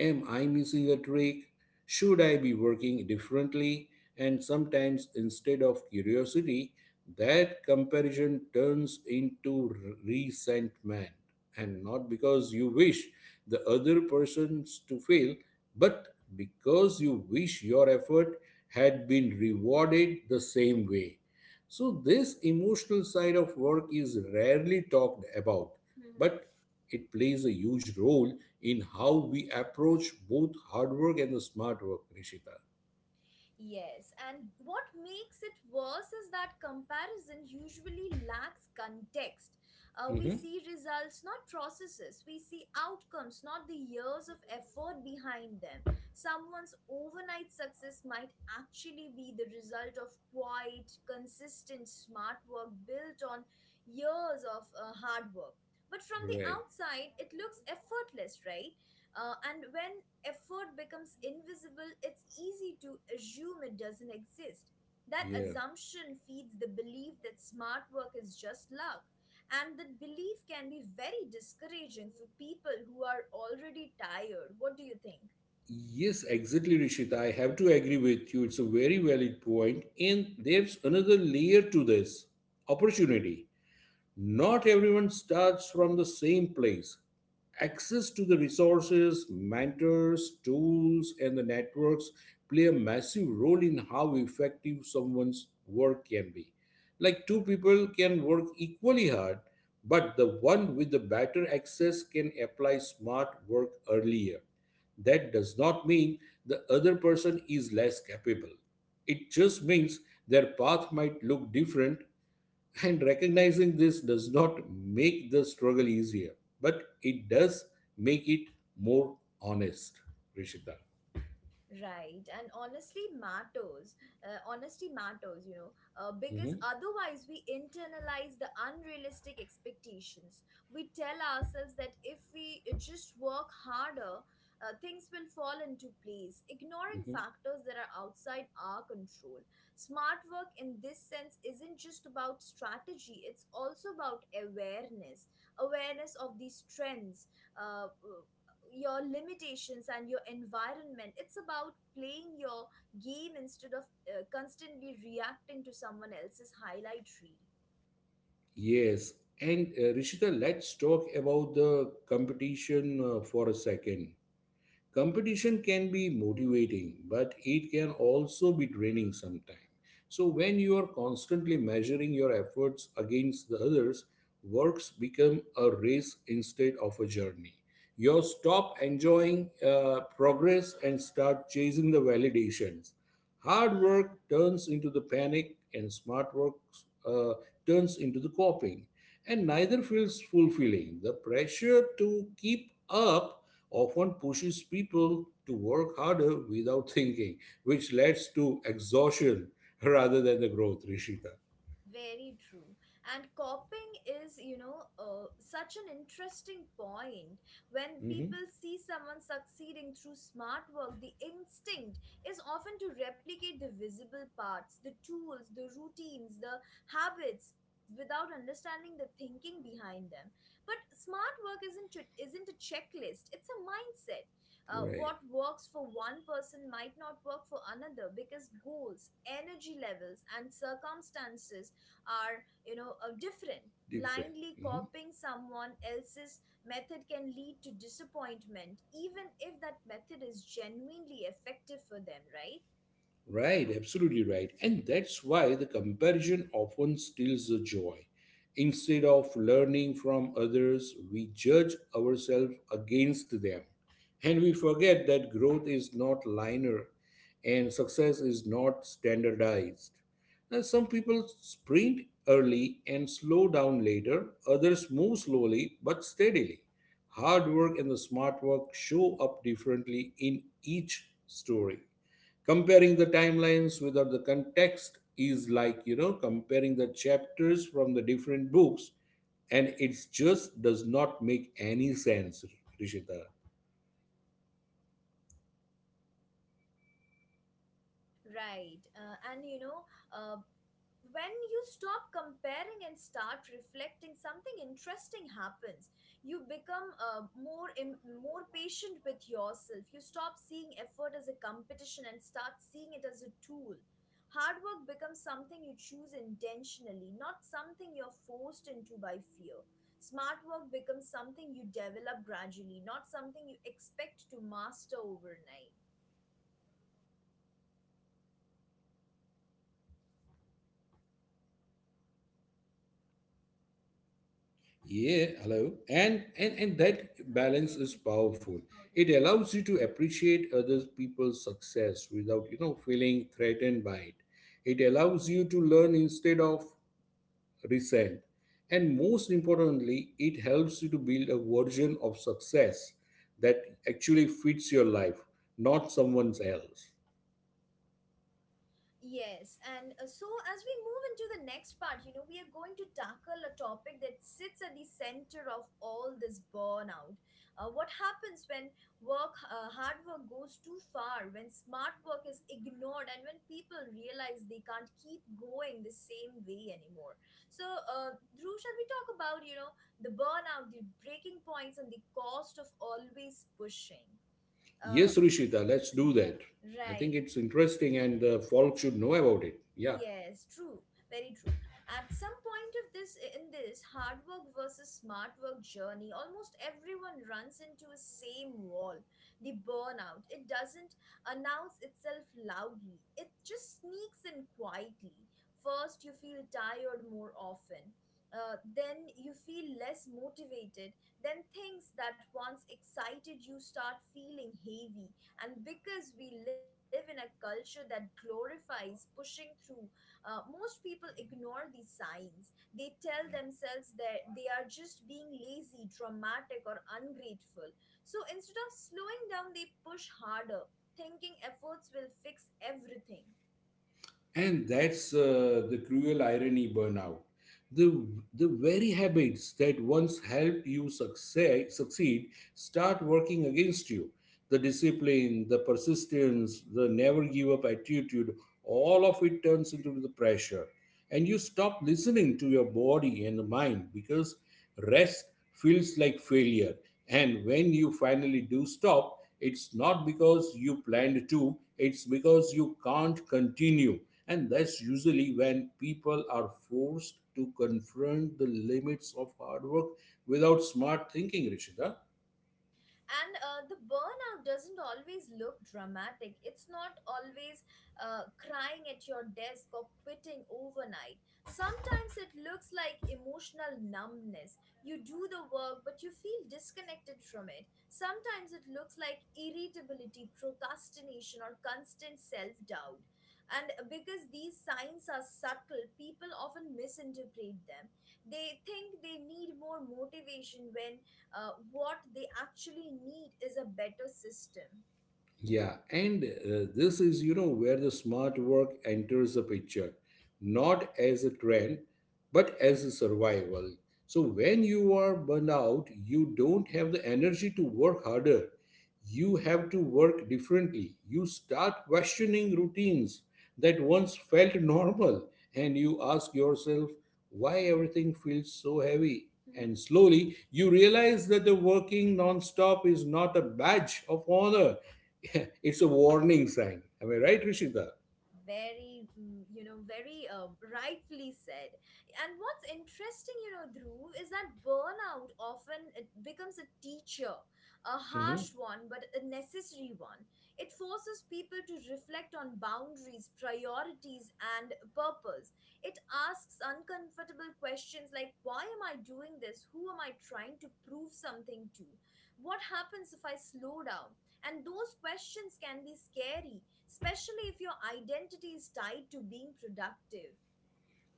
B: Am I missing a trick? Should I be working differently? And sometimes, instead of curiosity, that comparison turns into resentment. And not because you wish the other persons to fail, but because you wish your effort had been rewarded the same way. So, this emotional side of work is rarely talked about, but it plays a huge role in how we approach both hard work and the smart work, Rishita.
A: Yes, and what makes it worse is that comparison usually lacks context. We
B: Mhm.
A: see results, not processes. We see outcomes, not the years of effort behind them. Someone's overnight success might actually be the result of quiet, consistent, smart work built on years of hard work. But from the
B: Right.
A: outside, it looks effortless, right? And when effort becomes invisible, it's easy to assume it doesn't exist. That
B: Yeah.
A: assumption feeds the belief that smart work is just luck. And that belief can be very discouraging for people who are already tired. What do you think?
B: Yes, exactly, Rishita. I have to agree with you. It's a very valid point. And there's another layer to this: opportunity. Not everyone starts from the same place. Access to the resources, mentors, tools, and the networks play a massive role in how effective someone's work can be. Like two people can work equally hard, but the one with the better access can apply smart work earlier. That does not mean the other person is less capable. It just means their path might look different. *laughs* And recognizing this does not make the struggle easier, but it does make it more honest, Rishita.
A: Right, and honestly matters. Honesty matters, you know, because
B: Mhm,
A: otherwise we internalize the unrealistic expectations. We tell ourselves that if we just work harder, things will fall into place, ignoring
B: mhm.
A: factors that are outside our control. Smart work, in this sense, isn't just about strategy, it's also about awareness, awareness of these trends. Uh, uh, your limitations and your environment, it's about playing your game instead of constantly reacting to someone else's highlight reel.
B: Yes. And Rishita, let's talk about the competition for a second. Competition can be
A: *laughs*
B: motivating, but it can also be draining sometimes. So, when you are constantly measuring your efforts against the others, works become a race instead of a journey. You stop enjoying progress and start chasing the validations. Hard work turns into the panic, and smart work uh, turns into the coping. And neither feels fulfilling. The pressure to keep up often pushes people to work harder without *laughs* thinking, which leads to exhaustion *laughs* rather than the growth, Rishika.
A: Very true. And copying is, you know, such an interesting point. When
B: hmm
A: people see someone succeeding through smart work, the instinct is often to replicate the visible parts, the tools, the routines, the habits, without understanding the thinking behind them. But smart work isn't a checklist, it's a mindset. What
B: Right,
A: works for one person might not work for another, because goals, energy levels, and circumstances are, different.
B: different.
A: Blindly
B: Mhm.
A: copying someone else's method can lead to disappointment, even if that method is genuinely effective for them, right?
B: Right, absolutely right. And that's why the comparison often steals the joy. Instead of learning from others, we judge ourselves against them. And we forget that growth is not linear and success is not standardized. Now, some people sprint early and slow down later, others move slowly but steadily. Hard work and the smart work show up differently in each story. Comparing the timelines without the context is like comparing the chapters from the different books, and it just does not make any sense, Rishita.
A: Right. And you know uh, when you stop comparing and start reflecting, something interesting happens. You become more patient with yourself. You stop seeing effort as a competition and start seeing it as a tool. Hard work becomes something you choose intentionally, not something you're forced into by fear. Smart work becomes something you develop gradually, not something you expect to master overnight.
B: Yeah, hello, and that balance is powerful. It allows you to appreciate other people's success without feeling threatened by it. It allows you to learn instead of result. And most importantly, it helps you to build a version of success that actually fits your life, not someone else.
A: Yes, and so as we move into the next part, you know, we are going to tackle a topic that sits at the center of all this, burnout. What happens when hard work goes too far, when smart work is ignored, and when people realize they can't keep going the same way anymore? So, Dhruv, shall we talk about, you know, the burnout, the breaking points, and the cost of always pushing? Uh,
B: Yes, Rishita, let's do
A: ri-
B: that. I think
A: right.
B: it's interesting and folk should know about it. Yeah.
A: Yes, true, very true. At some point of this in this hard work versus smart work journey, almost everyone runs into a same wall. The burnout. It doesn't announce itself loudly. It just sneaks in quietly. First, you feel tired more often. Then you feel less motivated. Then things that once excited you start feeling heavy. And because we live in a culture that glorifies pushing through, most people ignore these signs. They tell themselves that they are just being lazy, dramatic, or ungrateful. So instead of slowing down, they push harder, thinking efforts will fix everything.
B: And that's the cruel irony, burnout. The the very habits that once helped you succeed succeed start working against you, the discipline, the persistence, the never give up attitude, all of it turns into the pressure. And you stop listening to your body and the mind because rest feels like failure, and when you finally do stop, it's not because you planned to, it's because you can't continue. And that's usually when people are forced to confront the limits of hard work without smart thinking, Rishita.
A: And the burnout doesn't always look dramatic. It's not always crying at your desk or quitting overnight. Sometimes it looks like emotional numbness. You do the work but you feel disconnected from it. Sometimes it looks like irritability, procrastination, or constant self-doubt. And because these signs are subtle, people often misinterpret them. They think they need more motivation when what they actually need is a better system.
B: Yeah, and this is, where the smart work enters the picture, not as a trend, but as a survival. So when you are burned out, you don't have the energy to work harder. You have to work differently. You start questioning routines that once felt normal, and you ask yourself why everything feels so heavy. And
A: Mhm.
B: slowly, you realize that the working non-stop is not a badge of honor, *laughs* it's a warning sign. Am I right, Rishita?
A: Very you know, very rightfully said. And what's interesting, you know, Dhruv, is that burnout often it becomes a teacher, a
B: hmm
A: harsh one but a necessary one. It forces people to reflect on boundaries, priorities, and purpose. It asks uncomfortable questions like, why am I doing this? Who am I trying to prove something to? What happens if I slow down? And those questions can be scary, especially if your identity is tied to being productive.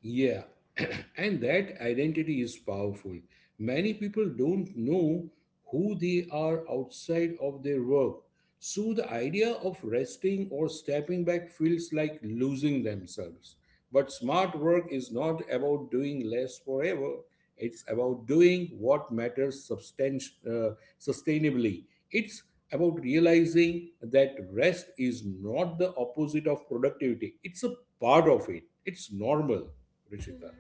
B: Yeah. *clears throat* And that identity is powerful. Many people don't know who they are outside of their work. So the idea of resting or stepping back feels like losing themselves. But smart work is not about doing less forever. It's about doing what matters sustainably. It's about realizing that rest is not the opposite of productivity, it's a part of it. It's normal, Rishita.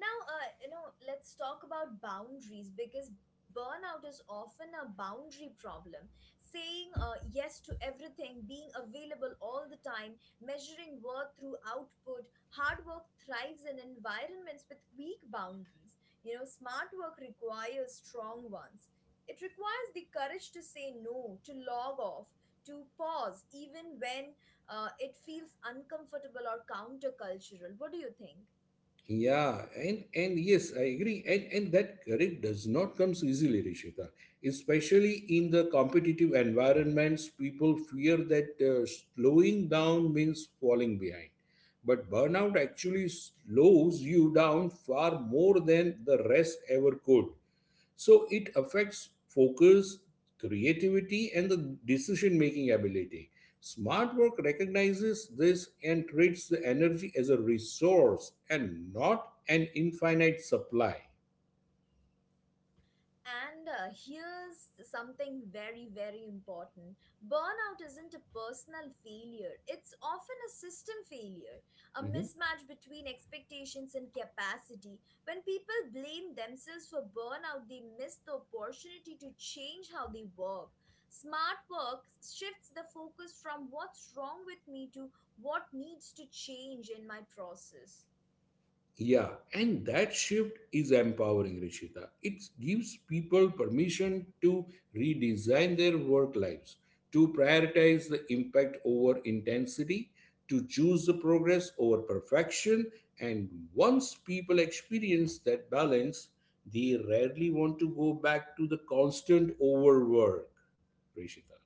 A: Now, let's talk about boundaries, because burnout is often a boundary problem. Saying yes to everything, being available all the time, measuring worth through output, hard work thrives in environments with weak boundaries. You know, smart work requires strong ones. It requires the courage to say no, to log off, to pause, even when it feels uncomfortable or countercultural. What do you think?
B: Yeah, and yes, I agree. And that courage does not come easily, Rishita. Especially in the competitive environments, people fear that slowing down means falling behind. But burnout actually slows you down far more than the rest ever could. So it affects focus, creativity, and the decision making ability. Smart work recognizes this and treats the energy as a resource and not an infinite supply.
A: And here's something very, very important. Burnout isn't a personal failure, it's often a system failure, a
B: Mhm.
A: mismatch between expectations and capacity. When people blame themselves for burnout, they miss the opportunity to change how they work. Smart work shifts the focus from what's wrong with me to what needs to change in my process.
B: Yeah, and that shift is empowering, Rishita. It gives people permission to redesign their work lives, to prioritize the impact over intensity, to choose the progress over perfection. And once people experience that balance, they rarely want to go back to the constant overwork, Rishita.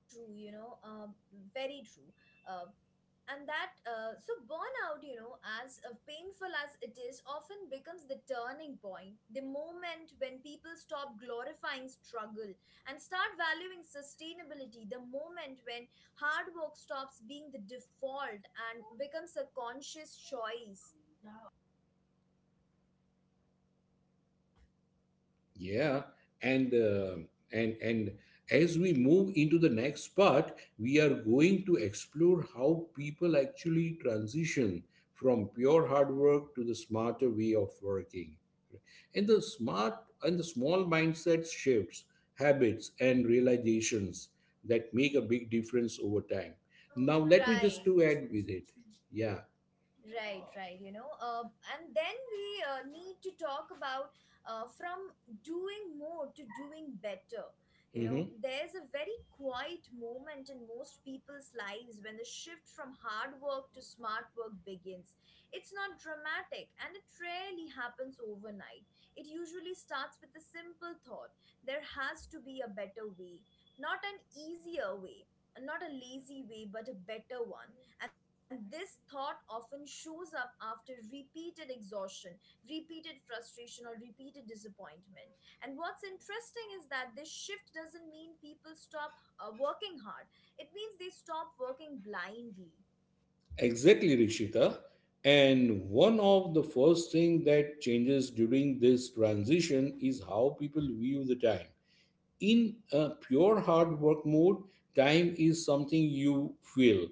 A: True, you know, very true. Uh, and that so burnout, you know, as painful as it is, often becomes the turning point, the moment when people stop glorifying struggle and start valuing sustainability, the moment when hard work stops being the default and becomes a conscious choice,
B: Yeah, and and as we move into the next part, we are going to explore how people actually transition from pure hard work to the smarter way of working. And the smart and the small mindset shifts, habits, and realizations that make a big difference over time. Now, let me just
A: right?
B: to add with it. Yeah.
A: Right. You know, and then we need to talk about from doing more to doing better. You know,
B: Mm-hmm.
A: there's a very quiet moment in most people's lives when the shift from hard work to smart work begins. It's not dramatic, and it rarely happens overnight. It usually starts with a simple thought, there has to be a better way, not an easier way, not a lazy way, but a better one. And this thought often shows up after repeated exhaustion, repeated frustration, or repeated disappointment. And what's interesting is that this shift doesn't mean people stop working hard, it means they stop working blindly.
B: Exactly, Rishita. And one of the first thing that changes during this transition is how people view the time. In a pure hard work mode, time is something you feel.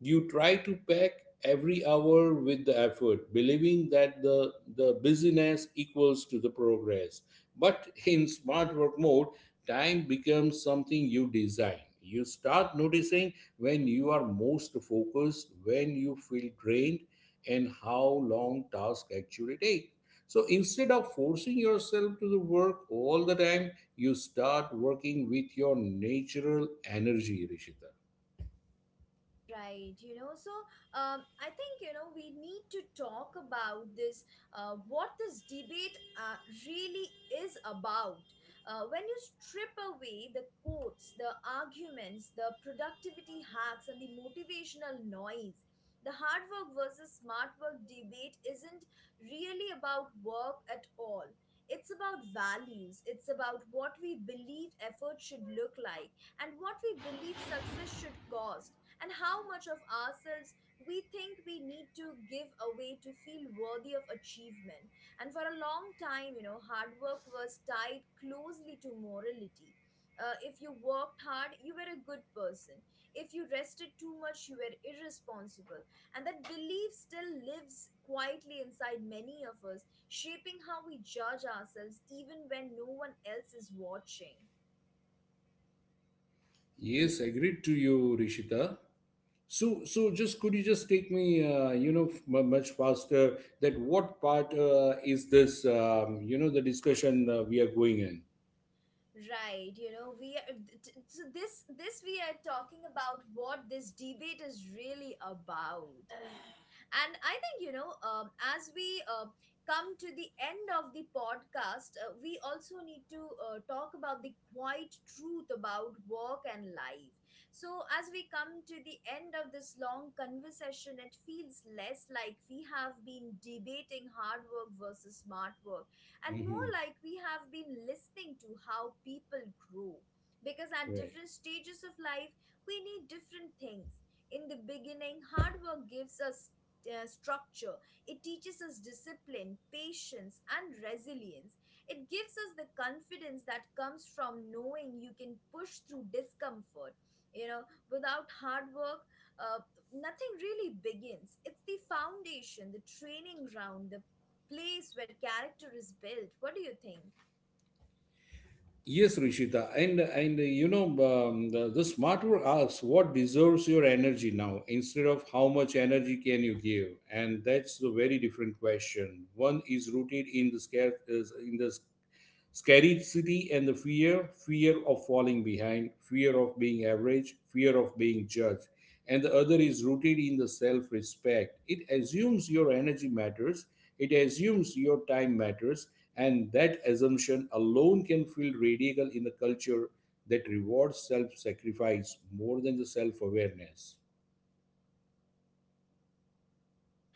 B: You try to pack every hour with the effort, believing that the busyness equals to the progress. But in smart work mode, time becomes something you design. You start noticing when you are most focused, when you feel drained, and how long tasks actually take. So instead of forcing yourself to the work all the time, you start working with your natural energy, Rishita.
A: Right, you know, so I think, you know, we need to talk about what this debate really is about. When you strip away the quotes, the arguments, the productivity hacks, and the motivational noise, the hard work versus smart work debate isn't really about work at all. It's about values. It's about what we believe effort should look like, and what we believe success should cost, and how much of ourselves we think we need to give away to feel worthy of achievement. And for a long time, you know, hard work was tied closely to morality. If you worked hard, you were a good person. If you rested too much, you were irresponsible. And that belief still lives quietly inside many of us, shaping how we judge ourselves even when no one else is watching.
B: Yes, agreed to you, Rishita. So, just could you just take me, much faster? That what part is this? The discussion we are going in.
A: Right, you know, we are th- th- so this we are talking about what this debate is really about. And I think, you know, as we come to the end of the podcast, we also need to talk about the quiet truth about work and life. So, as we come to the end of this long conversation, it feels less like we have been debating hard work versus smart work and
B: hmm
A: more like we have been listening to how people grow. Because at
B: Right.
A: different stages of life, we need different things. In the beginning, hard work gives us structure. It teaches us discipline, patience, and resilience. It gives us the confidence that comes from knowing you can push through discomfort. You know, without hard work, uh, nothing really begins. It's the foundation, the training ground, the place where character is built. What do you think?
B: Yes, Rishita, and the smart word asks what deserves your energy now instead of how much energy can you give, and that's a very different question. One is rooted in the scarce, is in the scarcity and the fear, fear of falling behind, fear of being average, fear of being judged. And the other is rooted in the self respect. It assumes your energy matters, it assumes your time matters, and that assumption alone can feel radical in a culture that rewards self sacrifice more than the self awareness.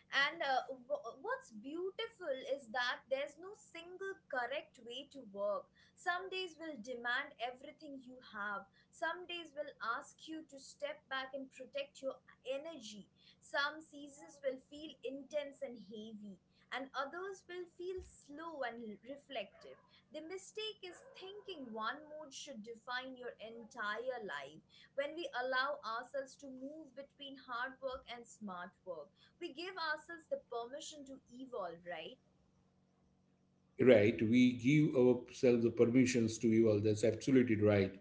A: And what's beautiful is that there's no single correct way to work. Some days will demand everything you have, some days will ask you to step back and protect your energy. Some seasons will feel intense and heavy, and others will feel slow and reflective. The mistake is thinking one mood should define your entire life. When we allow ourselves to move between hard work and smart work, we give ourselves the permission to evolve, right?
B: Right, we give ourselves the permissions to evolve, that's absolutely right.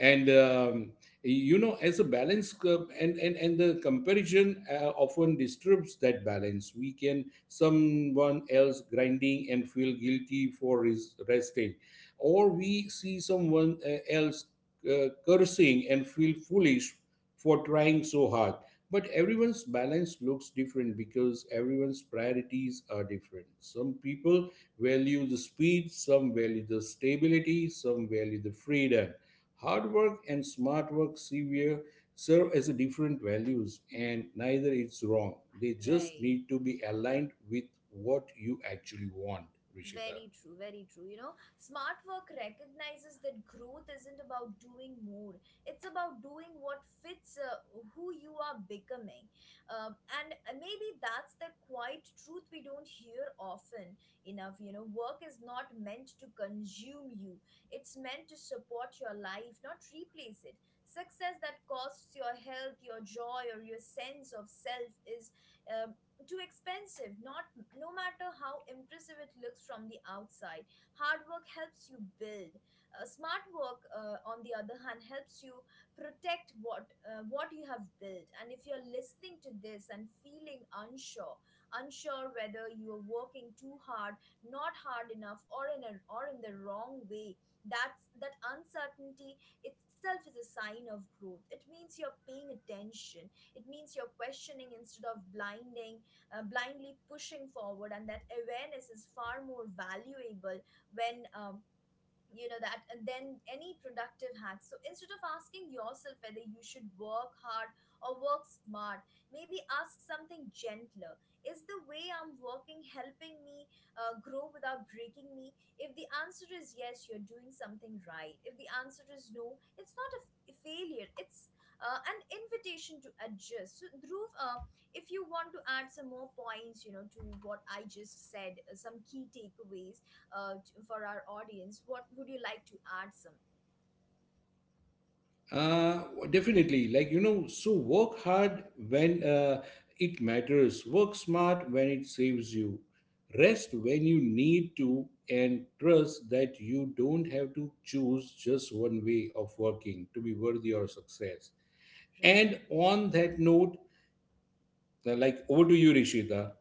B: and you know as a balance, and the comparison often disturbs that balance. We can someone else grinding and feel guilty for his resting, or we see someone else cursing and feel foolish for trying so hard. But everyone's balance looks different because everyone's priorities are different. Some people value the speed, some value the stability, some value the freedom. Hard work and smart work severe serve as a different values
A: Mm-hmm.
B: and neither is wrong. They just
A: Right.
B: need to be aligned with what you actually want, Rishita.
A: Very true, very true. You know, smart work recognizes that growth isn't about doing more, it's about doing what fits who you are becoming. And Maybe that's the quiet truth we don't hear often enough. You know, work is not meant to consume you, it's meant to support your life, not replace it. Success that costs your health, your joy, or your sense of self is um, too expensive, not no matter how impressive it looks from the outside. Hard work helps you build, smart work, on the other hand, helps you protect what you have built. And if you're listening to this and feeling unsure, unsure whether you are working too hard, not hard enough, or in a or in the wrong way, that's that uncertainty itself is a sign of growth. It means you're paying attention, it means you're questioning instead of blinding blindly pushing forward. And that awareness is far more valuable when you know that and then any productive hacks. So instead of asking yourself whether you should work hard or work smart, maybe ask something gentler: is the way I'm working helping me grow without breaking me? If the answer is yes, you're doing something right. If the answer is no, it's not a failure, it's an invitation to adjust. So Dhruv, if you want to add some more points, you know, to what I just said, some key takeaways for our audience, what would you like to add some?
B: Uh, Definitely. So work hard when it matters, work smart when it saves you, rest when you need to, and trust that you don't have to choose just one way of working to be worthy of success. And
A: Right.
B: on that note, over to you, Rishita.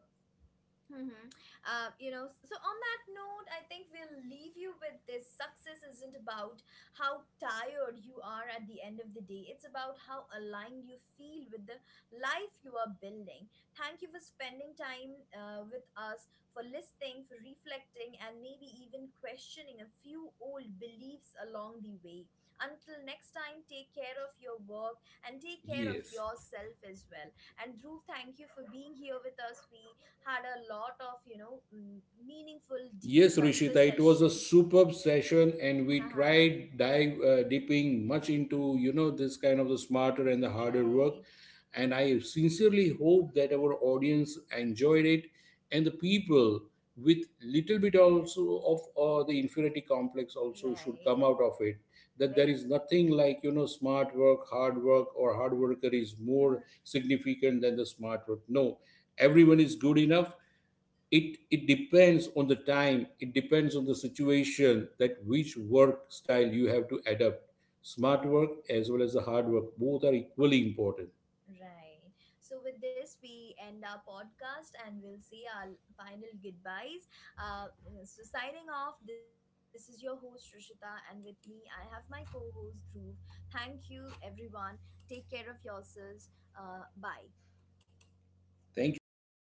A: Mm-hmm. You know, so on that note, I think we'll leave you with this. Success isn't about how tired you are at the end of the day, it's about how aligned you feel with the life you are building. Thank you for spending time with us, for listening, for reflecting, and maybe even questioning a few old beliefs along the way. Until next time, take care of your work and take care of
B: Yes.
A: yourself as well. And Dhruv, thank you for being here with us. We had a lot of, you know, meaningful, deep
B: Yes, Rishita, it was a
A: conversation.
B: superb session, and we
A: Uh-huh.
B: tried dive dipping much into this kind of the smarter and the harder work.
A: Right.
B: And I sincerely hope that our audience enjoyed it, and the people with little bit also of the inferiority complex also should
A: Right.
B: come out of it. That there
A: Very.
B: is nothing like smart work, hard work, or hard worker is more
A: *laughs*
B: significant than the smart work. No, everyone is good enough. It depends on the time, it depends on the situation, that which work style you have to adapt. Smart work as well as the hard work, both are equally important.
A: Right. So with this, we end our podcast and we'll say our final goodbyes. uh, so signing off, this is your host Rishita, and with me I have my co-host Dhruv. Thank you everyone, take care of yourselves. Bye.
B: Thank you, Rishita.